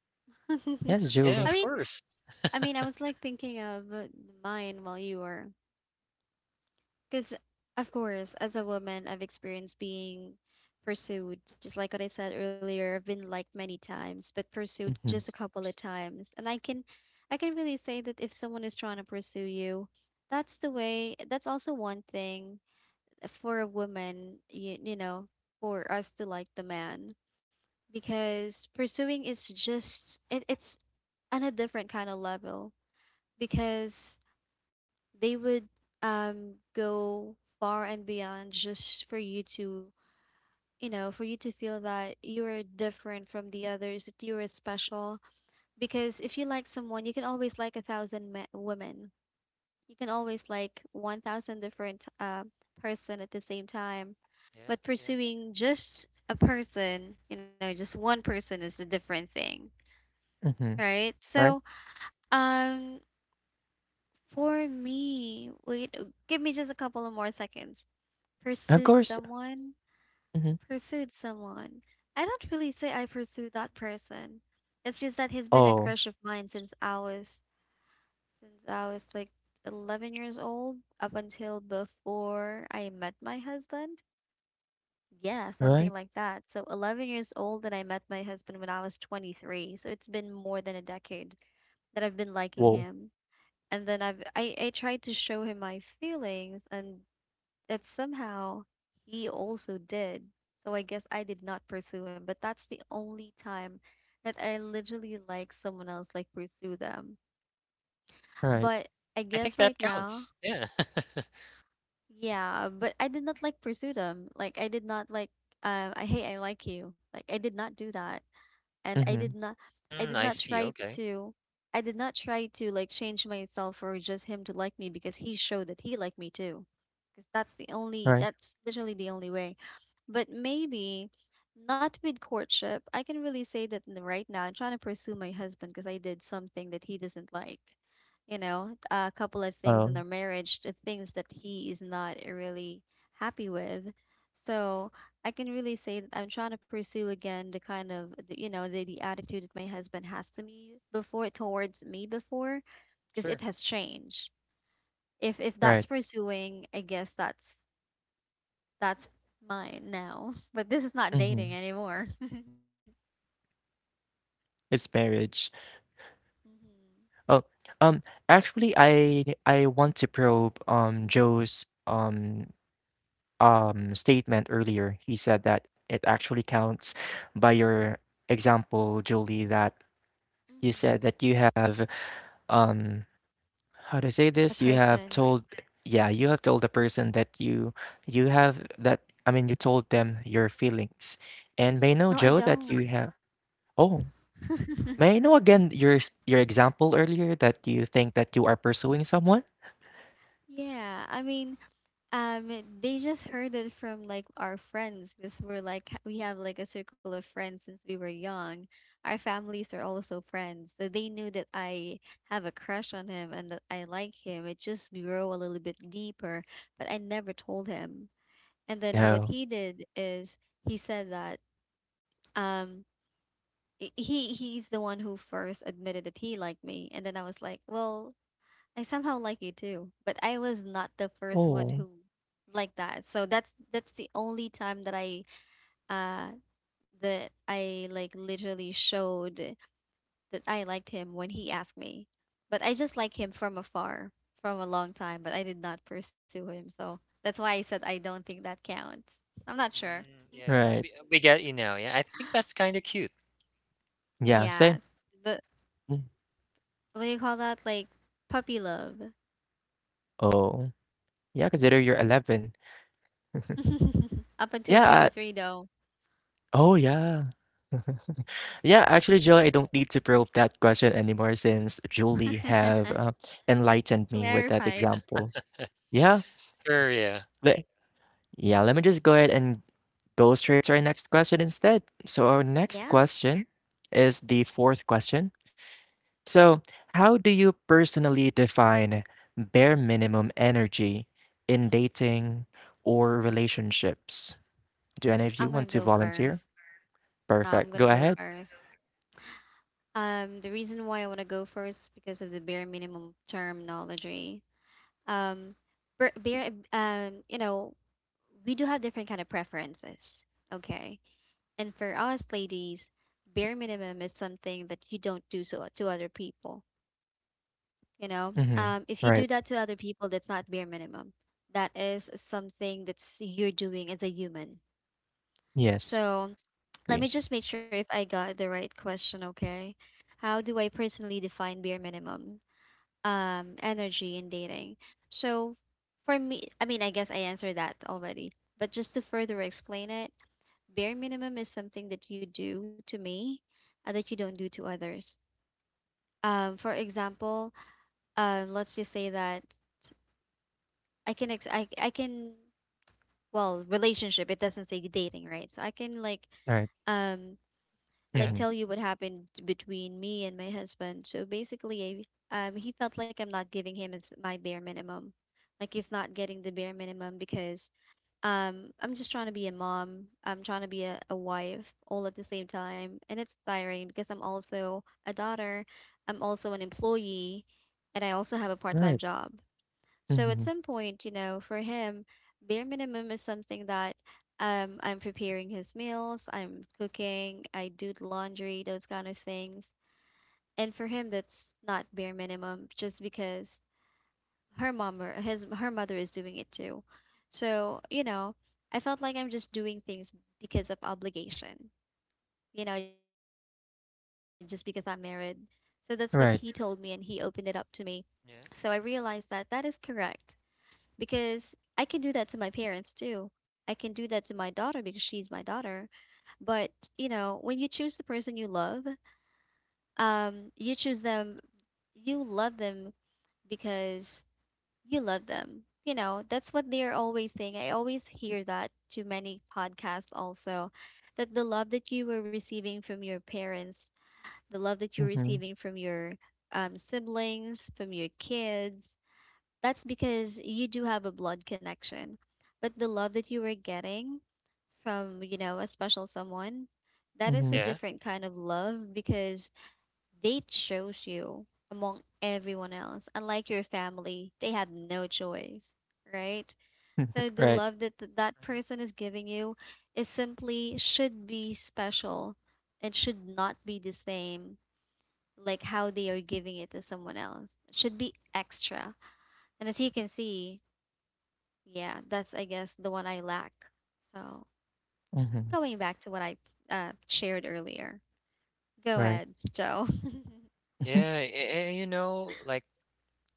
S1: yes,
S2: I
S3: Yeah,
S1: Julie.
S2: mean,
S3: of course.
S2: I mean, I was like thinking of mine while you were. Because, of course, as a woman, I've experienced being pursued, just like what I said earlier. I've been liked many times, but pursued just a
S1: Hmm.
S2: couple of times. And I can really say that if someone is trying to pursue you, that's the way. That's also one thing for a woman, you know, for us to like the man, because pursuing is just it's on a different kind of level because they would go far and beyond just for you to you know for you to feel that you are different from the others, that you are special, because if you like someone you can always like a thousand women, you can always like 1000 different person at the same time,
S3: Yeah,
S2: but
S3: yeah.
S2: pursuing just a person you know just one person is a different thing,
S1: Hmm.
S2: right? So
S1: Right.
S2: um for me wait, give me just a couple of more seconds.
S1: Of
S2: Pursued
S1: course.
S2: someone?
S1: Hmm.
S2: Pursued someone. I don't really say I pursued that person. It's just that he's been a
S1: Oh,
S2: crush of mine since I was like 11 years old up until before I met my husband. Yeah, something
S1: right.
S2: like that. So 11 years old and I met my husband when I was 23. So it's been more than a decade that I've been liking
S1: Whoa.
S2: him. And then I tried to show him my feelings and that somehow he also did. So I guess I did not pursue him, but that's the only time that I literally like someone else like pursue them.
S1: Right.
S2: But I
S3: I
S2: guess
S3: think that
S2: right now,
S3: counts. Yeah.
S2: yeah, but I did not like pursue them. Like I did not like I hey, I like you. Like I did not do that. And I did
S1: Hmm.
S2: not
S3: Mm, I see.
S2: try
S3: Okay.
S2: to I did not try to like change myself for just him to like me because he showed that he liked me too. Because that's the only
S1: Right.
S2: that's literally the only way. But maybe not with courtship. I can really say that right now I'm trying to pursue my husband because I did something that he doesn't like. You know, a couple of things in
S1: Oh,
S2: our marriage, the things that he is not really happy with. So I can really say that I'm trying to pursue again the kind of you know the attitude that my husband has to me before towards me before because it
S3: Sure.
S2: has changed. If that's
S1: right.
S2: pursuing, I guess that's mine now. But this is not dating
S1: Mhm.
S2: anymore.
S1: It's marriage.
S2: Mm-hmm.
S1: Oh, um, actually, I want to probe Joe's statement earlier. He said that it actually counts by your example, Julie, that you said
S2: Mm-hmm.
S1: that you have um how to say
S2: A
S1: this? You have
S2: person.
S1: told yeah, you have told the person that you have, that I mean you told them your feelings. And may
S2: No,
S1: know
S2: I
S1: Joe that
S2: don't.
S1: you have oh, may I know again your example earlier that you think that you are pursuing someone?
S2: Yeah, I mean, um, they just heard it from like our friends because we're like we have like a circle of friends since we were young. Our families are also friends, so they knew that I
S1: Mhm.
S2: have a crush on him and that I like him. It just grew a little bit deeper, but I never told him. And then what
S1: Oh.
S2: he did is he said that um he he's the one who first admitted that he liked me, and then I was like well I somehow like you too, but I was not the first one
S1: Oh,
S2: who like that, so that's the only time that I uh that I like literally showed that I liked him when he asked me, but I just like him from afar from a long time, but I did not pursue him, so that's why I said I don't think that counts. I'm not sure.
S3: Mm, yeah,
S1: right.
S3: we get you now. Yeah, I think that's kind of cute.
S1: S Yeah,
S2: Yeah,
S1: same.
S2: but
S1: Mm.
S2: what do you call that, like puppy love?
S1: Oh. Yeah, consider you're 11.
S2: Up until
S1: Yeah, uh
S2: 23, though.
S1: oh, yeah. Yeah, actually, Joy, I don't need to probe that question anymore since Julie have, enlightened me with that
S2: Clarified.
S1: example. Yeah,
S3: Sure. Yeah.
S1: le yeah, let me just go ahead and go straight to our next question instead. So our next
S2: Yeah,
S1: question is the 4th question. So, how do you personally define bare minimum energy in dating or relationships? Do any of
S2: I'm
S1: you
S2: gonna
S1: want to
S2: go
S1: volunteer?
S2: first. No, I'm
S1: Perfect. Go
S2: gonna go
S1: ahead.
S2: first. The reason why I wanna go first is because of the bare minimum terminology. Um, you know, we do have different kind of preferences, okay? And for us ladies, bare minimum is something that you don't do so to other people. You know,
S1: Mm-hmm.
S2: if you do
S1: Right.
S2: that to other people, that's not bare minimum. That is something that's you're doing as a human.
S1: Yes.
S2: So let me
S1: Agree.
S2: just make sure if I got the right question, okay? How do I personally define bare minimum energy in dating? So for me, I mean, I guess I answered that already. But just to further explain it, bare minimum is something that you do to me that you don't do to others. For example, let's just say that I can well relationship it doesn't say dating right so I can
S1: All right.
S2: um
S3: Mhm.
S2: like
S3: Yeah.
S1: Mm-hmm.
S2: tell you what happened between me and my husband, so basically he felt like I'm not giving him my bare minimum, like he's not getting the bare minimum because I'm just trying to be a mom, I'm trying to be a wife all at the same time, and it's tiring because I'm also a daughter, I'm also an employee, and I also have a part-time
S1: Right.
S2: job, so at
S1: Mm-hmm.
S2: some point, you know, for him, bare minimum is something that I'm preparing his meals, I'm cooking, I do the laundry, those kind of things. And for him, that's not bare minimum, just because her mom or his her mother is doing it too. So you know, I felt like I'm just doing things because of obligation, you know, just because I'm married. So that's what he told me, and he opened it up
S1: Right.
S2: to me. So I realized
S3: Yeah.
S2: that that is correct because I can do that to my parents too. I can do that to my daughter because she's my daughter. But, you know, when you choose the person you love, you choose them, you love them because you love them. You know, that's what they're always saying. I always hear that to many podcasts also, that the love that you were receiving from your parents, the love that you're
S1: Mm-hmm.
S2: receiving from your siblings, from your kids, that's because you do have a blood connection. But the love that you were getting from, you know, a special someone, that is
S1: Mm-hmm.
S2: a
S3: Yeah.
S2: different kind of love because they chose you among everyone else. Unlike your family, they have no choice, right? So the
S1: Right.
S2: love that that person is giving you is simply should be special and should not be the same like how they are giving it to someone else. It should be extra. And as you can see, yeah, that's I guess the one I lack. So
S1: Mm-hmm.
S2: going back to what I shared earlier. Go
S1: Right.
S2: ahead, Joe.
S1: Mm-hmm.
S3: Yeah, and, you know, like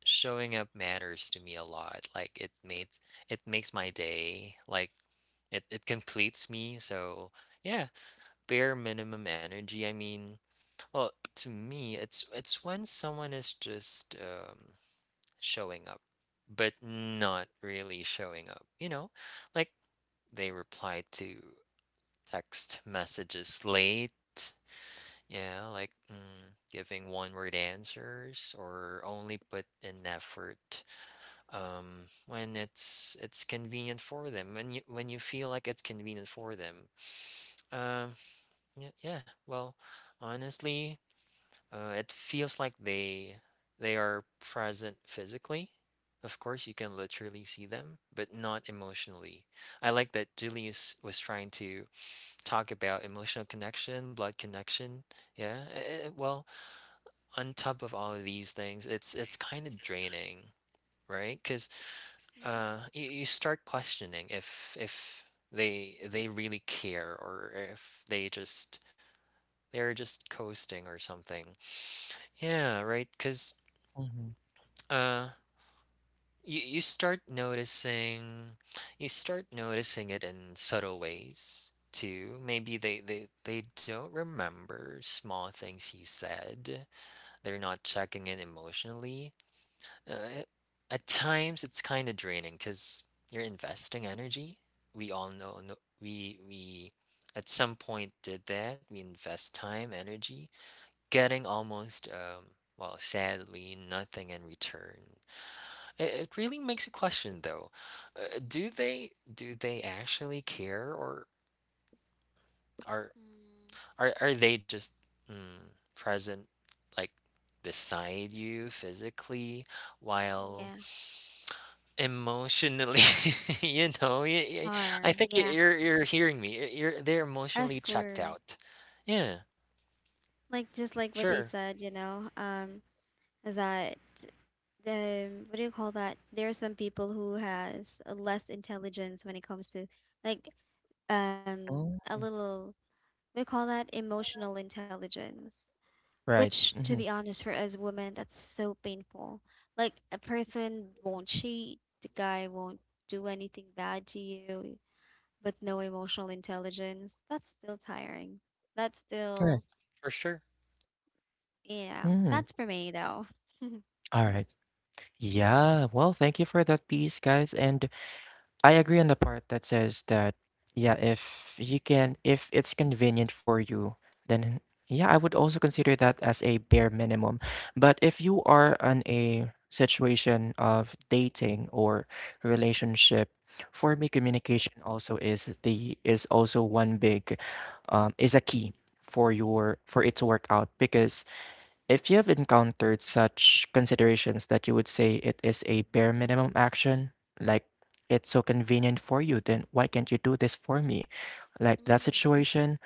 S3: showing up matters to me a lot. Like it makes my day. Like it completes me. So yeah, bare minimum energy. I mean, well, to me, it's when someone is just showing up, but not really showing up. You know, like they reply to text messages late. Yeah, like giving one-word answers or only put in effort when it's convenient for them. When you feel like it's convenient for them. Um, yeah, yeah. Well, honestly, it feels like they are present physically. Of course, you can literally see them, but not emotionally. I like that Julius was trying to talk about emotional connection, blood connection. Yeah. Well, on top of all of these things, it's kind of draining, right? Because
S2: Mm-hmm.
S3: you start questioning if they really care or if they're just coasting or something. Yeah, right. Because
S1: Mhm.
S3: uh, you start noticing. You start noticing it in subtle ways too. Maybe they don't remember small things you said. They're not checking in emotionally. Uh, at times it's kind of draining because you're investing energy. We all know, no, we at some point did that. We invest time, energy, getting almost, sadly, nothing in return. It really makes you question though. Do they actually care or are
S2: Mm.
S3: are they just mm, present, like beside you physically while
S2: Yeah,
S3: emotionally, you know, y y I
S2: harm.
S3: think y
S2: Yeah,
S3: you're hearing me. Y you're They're
S2: of
S3: emotionally checked
S2: course.
S3: out. Yeah,
S2: Like just like what they
S3: sure,
S2: said, you know, that the what do you call that? There are some people who has less intelligence when it comes to like um a
S1: Mm.
S2: little we call that emotional intelligence.
S1: Right.
S2: Which, to be
S1: Mm-hmm.
S2: honest, for us women, that's so painful. Like a person won't cheat, the guy won't do anything bad to you, but no emotional intelligence. That's still tiring. That's still,
S1: Right.
S3: for sure.
S2: yeah, that's
S1: Mm-hmm.
S2: for me though.
S1: All right. Yeah. Well, thank you for that piece, guys. And I agree on the part that says that, yeah, if you can, if it's convenient for you, then yeah, I would also consider that as a bare minimum. But if you are on a situation of dating or relationship, for me, communication also is the is also one big is a key for your for it to work out because if you have encountered such considerations that you would say it is a bare minimum action, like it's so convenient for you, then why can't you do this for me? Like that
S2: Hmm.
S1: situation,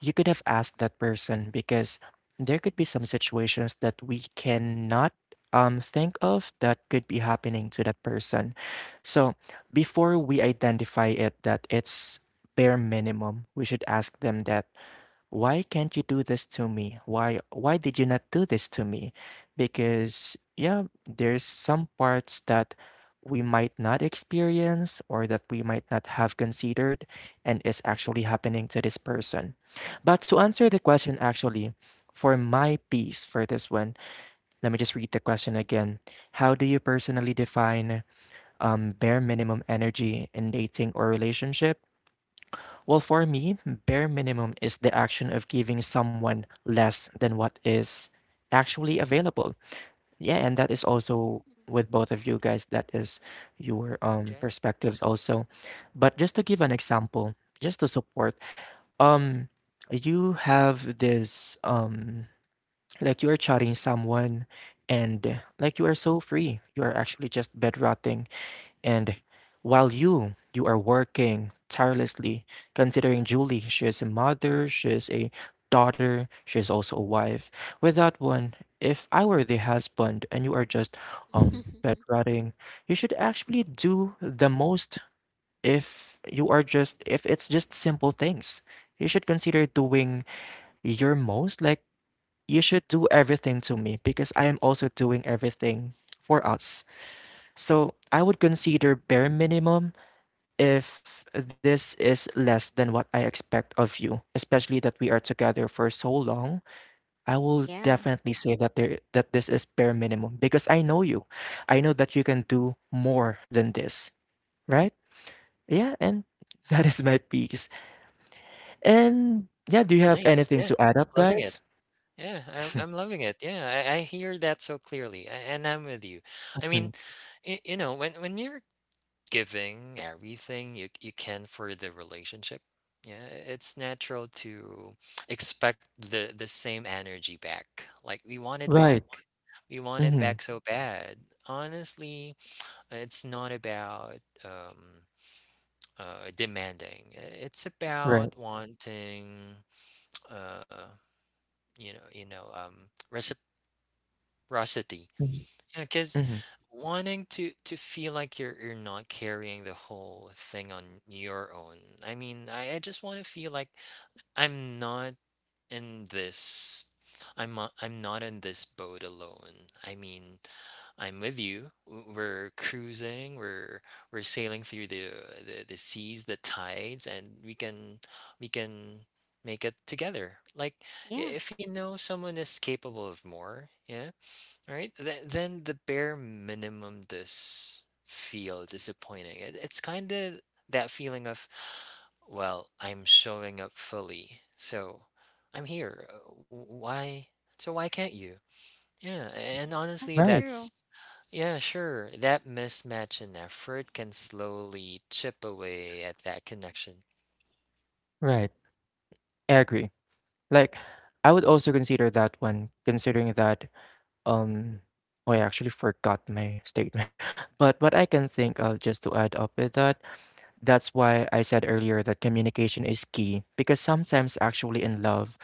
S1: you could have asked that person because there could be some situations that we cannot think of that could be happening to that person. So before we identify it that it's bare minimum, we should ask them that why can't you do this to me? Why did you not do this to me? Because yeah, there's some parts that we might not experience or that we might not have considered and is actually happening to this person. But to answer the question actually, for my piece for this one, let me just read the question again. How do you personally define bare minimum energy in dating or relationship? Well, for me, bare minimum is the action of giving someone less than what is actually available. Yeah, and that is also with both of you guys, that is your
S3: Mhm, yeah,
S1: perspectives also. But just to give an example, just to support, um you have this like you are chatting someone and like you are so free. You are actually just bed rotting and while you are working tirelessly, considering Julie, she is a mother, she is a daughter, she is also a wife. With that one, if I were the husband and you are just
S2: Mm-hmm.
S1: bedwetting, you should actually do the most if you are just if it's just simple things. You should consider doing your most, like you should do everything to me because I am also doing everything for us. So I would consider bare minimum if this is less than what I expect of you, especially that we are together for so long, I will
S2: Yeah,
S1: definitely say that there that this is bare minimum because I know you. I know that you can do more than this, right? Yeah, and that is my piece. And yeah, do you have
S3: nice,
S1: anything to
S3: yeah,
S1: add up,
S3: loving it.
S1: guys?
S3: Yeah, I'm loving it. Yeah, I hear that so clearly, a and I'm with you. I
S1: Mhm.
S3: mean, y you know, when you're giving everything you can for the relationship. Yeah, it's natural to expect the same energy back. Like we want it
S1: Right.
S3: back. We want it
S1: Mm-hmm.
S3: back so bad. Honestly, it's not about um demanding. It's
S1: Right.
S3: about wanting uh you know, reciprocity.
S1: Mm-hmm.
S3: Yeah, because
S1: Mm-hmm.
S3: wanting to feel like you're not carrying the whole thing on your own. I mean, I just want to feel like I'm not in this. I'm not in this boat alone. I mean, I'm with you. We're cruising. We're sailing through the seas, the tides, and we can make it together. Like
S2: yeah,
S3: if you know someone is capable of more, yeah, all right. Then the bare minimum does feel disappointing. It's kind of that feeling of, well, I'm showing up fully. So I'm here. Why? So why can't you? Yeah. And honestly,
S2: that's
S1: Right.
S2: true.
S3: that's, yeah, sure, that mismatch in effort can slowly chip away at that connection.
S1: Right. I agree. Like, I would also consider that one, considering that Um, oh, I actually forgot my statement. But what I can think of, just to add up with that, that's why I said earlier that communication is key. Because sometimes, actually,
S3: Yeah, of
S1: in love,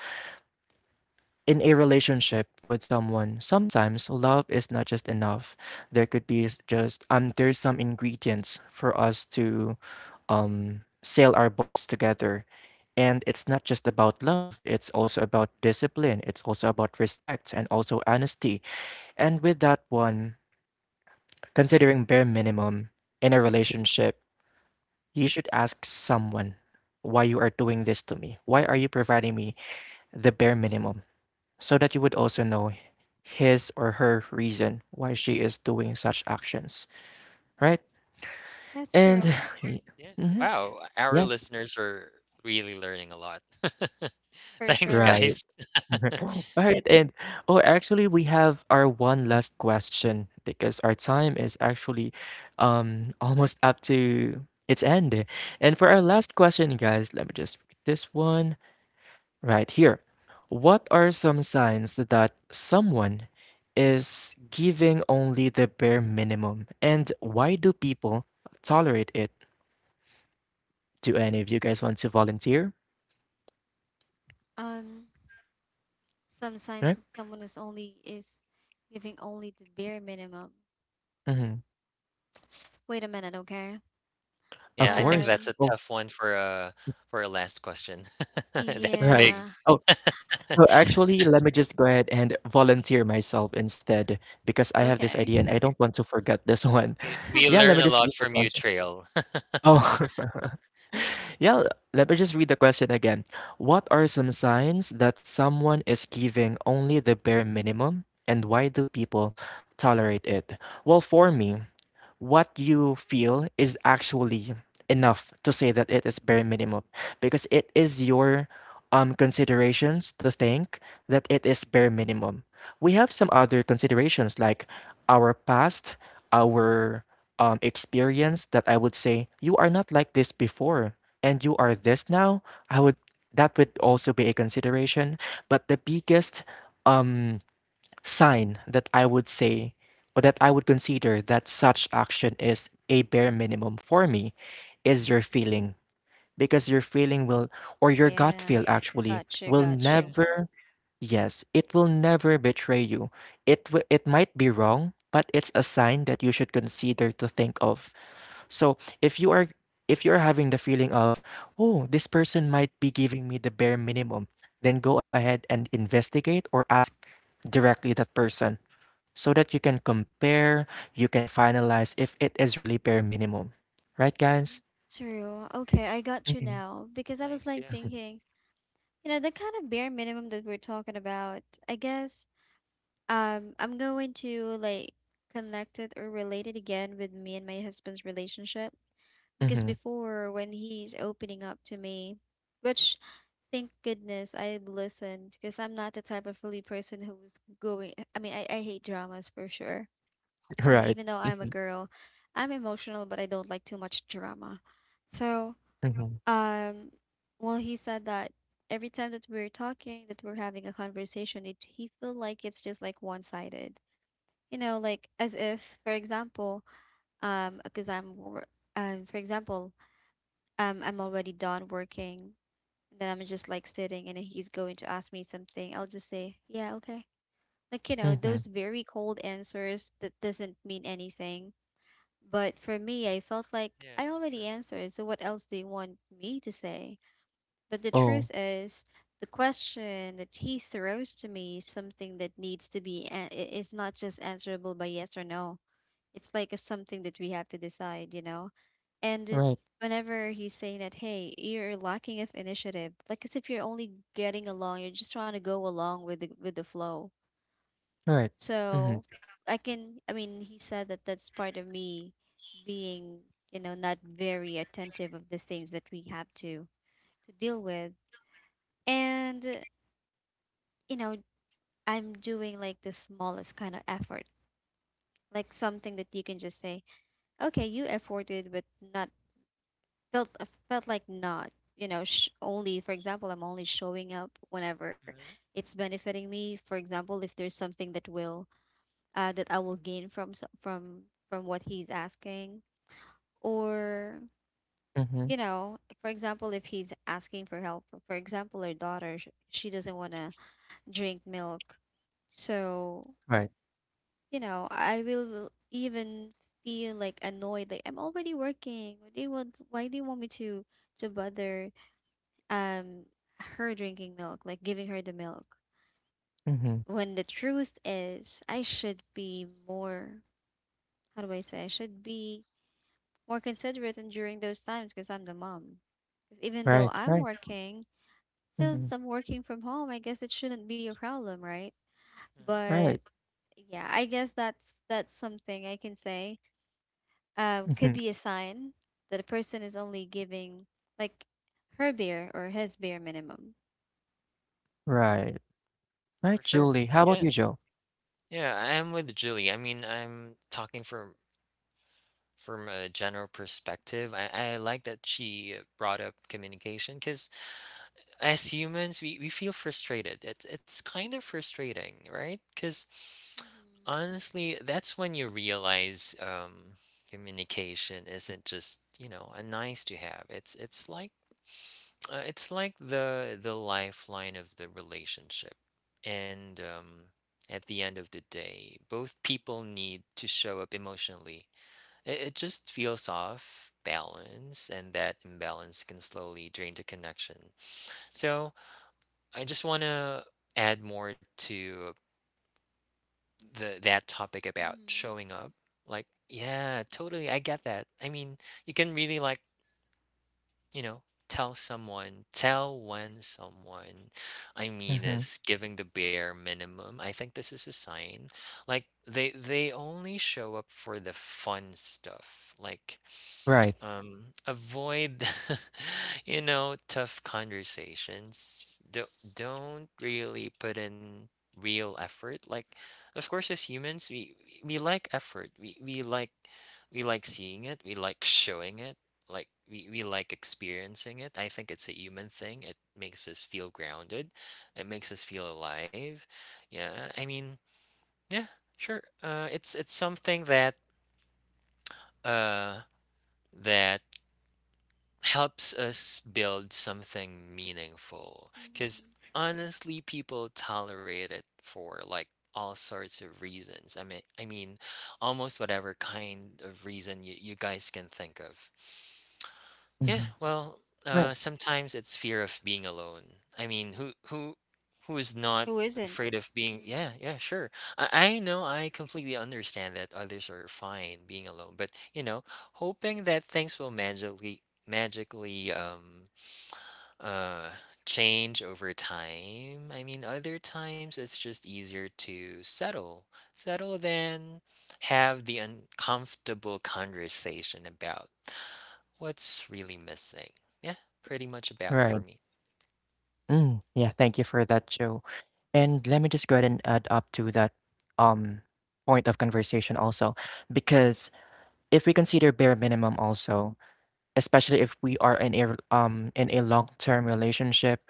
S1: in a relationship with someone, sometimes love is not just enough. There could be just, there's some ingredients for us to, sail our boats together. And it's not just about love, it's also about discipline, it's also about respect and also honesty. And with that one, considering bare minimum in a relationship, you should ask someone why you are doing this to me. Why are you providing me the bare minimum? So that you would also know his or her reason why she is doing such actions, right?
S2: That's
S1: And
S2: true
S3: course. Yeah.
S1: mhm,
S3: Wow. Our
S1: yeah,
S3: listeners are really learning a lot.
S2: for
S3: Thanks,
S2: sure.
S1: right.
S3: guys.
S1: Alright, and oh, actually, we have our one last question because our time is actually almost up to its end. And for our last question, guys, let me just read this one right here. What are some signs that someone is giving only the bare minimum, and why do people tolerate it? Do any of you guys want to volunteer?
S2: Um, some signs
S1: Right?
S2: that someone is giving only the bare minimum.
S1: Mm-hmm.
S2: Wait a minute, okay?
S3: Yeah,
S1: Of
S3: I think
S1: course.
S3: that's a
S2: Um,
S1: Oh,
S3: tough one for a last question. That's
S1: right.
S3: big.
S2: yeah.
S1: Oh, oh, actually, let me just go ahead and volunteer myself instead because I have this
S2: Okay.
S1: idea and I don't want to forget this one.
S3: We
S1: Yeah, let me
S3: learn a
S1: just read
S3: lot
S1: the
S3: from you,
S1: question.
S3: Trail.
S1: Oh, yeah, let me just read the question again. What are some signs that someone is giving only the bare minimum and why do people tolerate it? Well, for me, what you feel is actually enough to say that it is bare minimum because it is your considerations to think that it is bare minimum. We have some other considerations like our past, our experience that I would say you are not like this before and you are this
S2: Mhm.
S1: now. I would that would also be a consideration, but the biggest um sign that I would say or that I would consider that such action is a bare minimum for me is your feeling because your feeling
S2: Mhm.
S1: will or your gut
S2: Yeah.
S1: feel actually
S2: Gotcha.
S1: will
S3: Sure. Yeah.
S2: Gotcha.
S1: never yes it will never betray you it might be wrong but it's a sign that you should consider to think of. So if you are if you're having the feeling of oh this person might be giving me the bare minimum, then go ahead and investigate or ask directly that person so that you can compare, you can finalize if it is really bare minimum. Right, guys?
S2: True. Okay, I got you
S1: Mm-hmm.
S2: now because I was
S3: Nice.
S2: like
S3: Yeah.
S2: thinking, you know, the kind of bare minimum that we're talking about. I guess I'm going to like connect it or relate it again with me and my husband's relationship because
S1: Mm-hmm.
S2: before when he's opening up to me, which thank goodness I listened because I'm not the type of really person who's going I mean I hate dramas for sure. And
S1: Right.
S2: even though I'm a
S1: Mm-hmm.
S2: girl, I'm emotional, but I don't like too much drama. So,
S1: Mm-hmm.
S2: um, well, he said that every time that we're talking, that we're having a conversation, it he feel like it's just like one-sided. You know, like as if, for example, um, because I'm, wor- for example, I'm already done working. Then I'm just like sitting, and he's going to ask me something. I'll just say, yeah, okay. Like, you know,
S1: Mm-hmm.
S2: those very cold answers that doesn't mean anything. But for me, I felt like
S3: Yeah.
S2: I already
S3: Sure.
S2: answered, so what else do you want me to say? But the truth
S1: Oh,
S2: is, the question that he throws to me is something that needs to be, it's not just answerable by yes or no. It's like a something that we have to decide, you know? And
S1: right.
S2: whenever he's saying that, hey, you're lacking of initiative, like as if you're only getting along, you're just trying to go along with with the flow.
S1: Right. Mm-hmm.
S2: So I can, I mean, he said that that's part of me being, you know, not very attentive of the things that we have to deal with. And, you know, I'm doing like the smallest kind of effort, like something that you can just say, okay, you efforted, but not felt felt like not. You know, only for example, I'm only showing up whenever
S3: Hmm.
S2: it's benefiting me. For example, if there's something that will that I will gain from from what he's asking, or
S1: Mm-hmm.
S2: you know, for example, if he's asking for help, for example, her daughter, she doesn't want to drink milk. So,
S1: Right.
S2: you know, I will even feel like annoyed, like I'm already working. What do you want? Why do you want me to bother um her drinking milk, like giving her the milk?
S1: Mm-hmm.
S2: When the truth is, I should be more, how do I say? I should be more considerate and during those times because I'm the mom. 'Cause even though
S1: Right.
S2: I'm
S1: Right.
S2: working,
S1: Mm-hmm.
S2: since I'm working from home, I guess it shouldn't be a problem, right?
S3: Hmm.
S2: But
S1: Right.
S2: yeah, I guess that's something I can say. Could
S1: Mm-hmm.
S2: be a sign that a person is only giving like her bare or his bare minimum.
S1: Right.
S3: For
S1: Right,
S3: sure.
S1: Julie. How about
S3: Yeah.
S1: you, Joe?
S3: Yeah. I'm with Julie. I mean, I'm talking from a general perspective. I like that she brought up communication because as humans, we feel frustrated. It's kind of frustrating, right? Because honestly, that's when you realize communication isn't just, you know, a nice to have. It's like it's like the lifeline of the relationship. And at the end of the day, both people need to show up emotionally. It just feels off balance, and that imbalance can slowly drain the connection. So I just want to add more to the that topic about
S2: Mhm.
S3: showing up. Like, yeah, totally, I get that. I mean, you can really, like, you know, tell someone, tell when someone, I mean,
S1: Mm-hmm.
S3: is giving the bare minimum. I think this is a sign. Like, they only show up for the fun stuff. Like,
S1: Right.
S3: avoid, you know, tough conversations. Don't really put in real effort. Like, of course, as humans, we like effort. We like, we like seeing it. We like showing it. Like we like experiencing it. I think it's a human thing. It makes us feel grounded. It makes us feel alive. Yeah, I mean, yeah, sure. It's something that uh that helps us build something meaningful.
S2: Mhm.
S3: Because honestly, people tolerate it for, like, all sorts of reasons. I mean, almost whatever kind of reason you guys can think of. Yeah,
S1: Mm-hmm.
S3: well,
S1: Right.
S3: sometimes it's fear of being alone. I mean, who who is
S2: Who
S3: not
S2: isn't?
S3: afraid of being?
S2: Mhm.
S3: Yeah, yeah, sure. I know. I completely understand that others are fine being alone, but, you know, hoping that things will magically uh change over time. I mean, other times it's just easier to settle, settle than have the uncomfortable conversation about what's really missing. Yeah, pretty much about
S1: Right.
S3: for me.
S1: Mm. Yeah, thank you for that, Joe. And let me just go ahead and add up to that um point of conversation also because if we consider bare minimum also, especially if we are in a long-term relationship,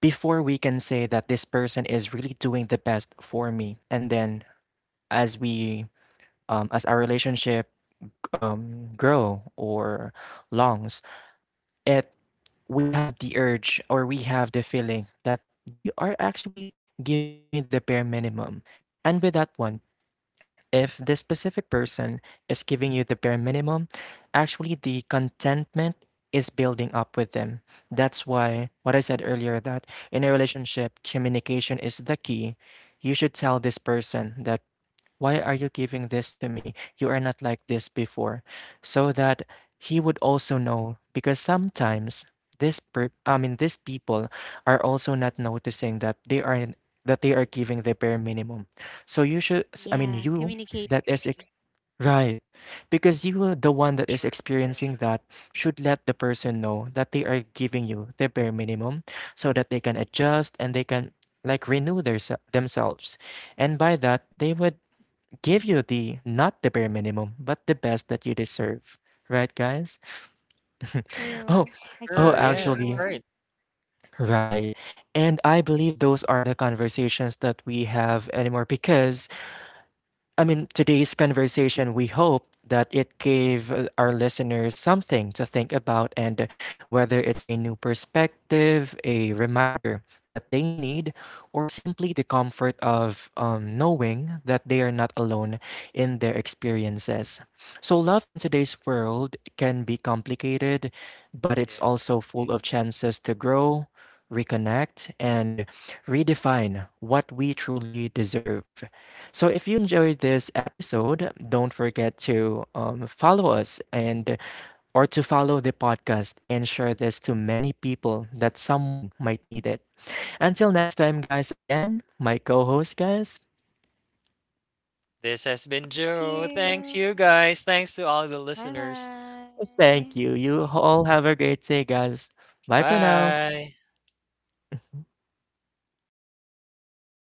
S1: before we can say that this person is really doing the best for me. And then as we as our relationship grow or longs, it we have the urge or we have the feeling that they are actually giving me the bare minimum. And with that one, if this specific person is giving you the bare minimum, actually the contentment is building up with them. That's why what I said earlier that in a relationship, communication is the key. You should tell this person that why are you giving this to me? You are not like this before. So that he would also know because sometimes I mean these people are also
S2: Mhm.
S1: not noticing that they are giving the bare minimum. So you should I
S2: Yeah,
S1: mean you
S2: communication.
S1: that is right because you are the one that is
S3: Sure. Yeah.
S1: experiencing that should let the person know that they are giving you the bare minimum so that they can adjust and they can like renew their, themselves and by that they would give you the not the bare minimum, but the best that you deserve. Right, guys?
S2: True.
S1: Oh,
S2: I couldn't
S1: oh,
S3: Sure.
S2: agree
S3: Yeah.
S2: more.
S1: actually,
S3: Right.
S1: right. And I believe those are the conversations that we have anymore because I mean, today's conversation, we hope that it gave our listeners something to think about and whether it's a new perspective, a reminder that they need, or simply the comfort of knowing that they are not alone in their experiences. So, love in today's world can be complicated, but it's
S3: Yeah.
S1: also full of
S2: Mhm.
S1: chances to grow. Reconnect and redefine what we truly deserve. So if you enjoyed this episode, don't forget to follow us and or to follow the podcast and share this to many people that someone might need it. Until next time, guys, again, my co-host guys,
S3: This has
S2: Thank
S3: been Joe.
S2: you.
S3: Thanks, you guys. Thanks to all the
S2: Bye
S3: listeners.
S2: bye.
S1: thank you. You all have a great day, guys. Bye for now.
S3: Bye.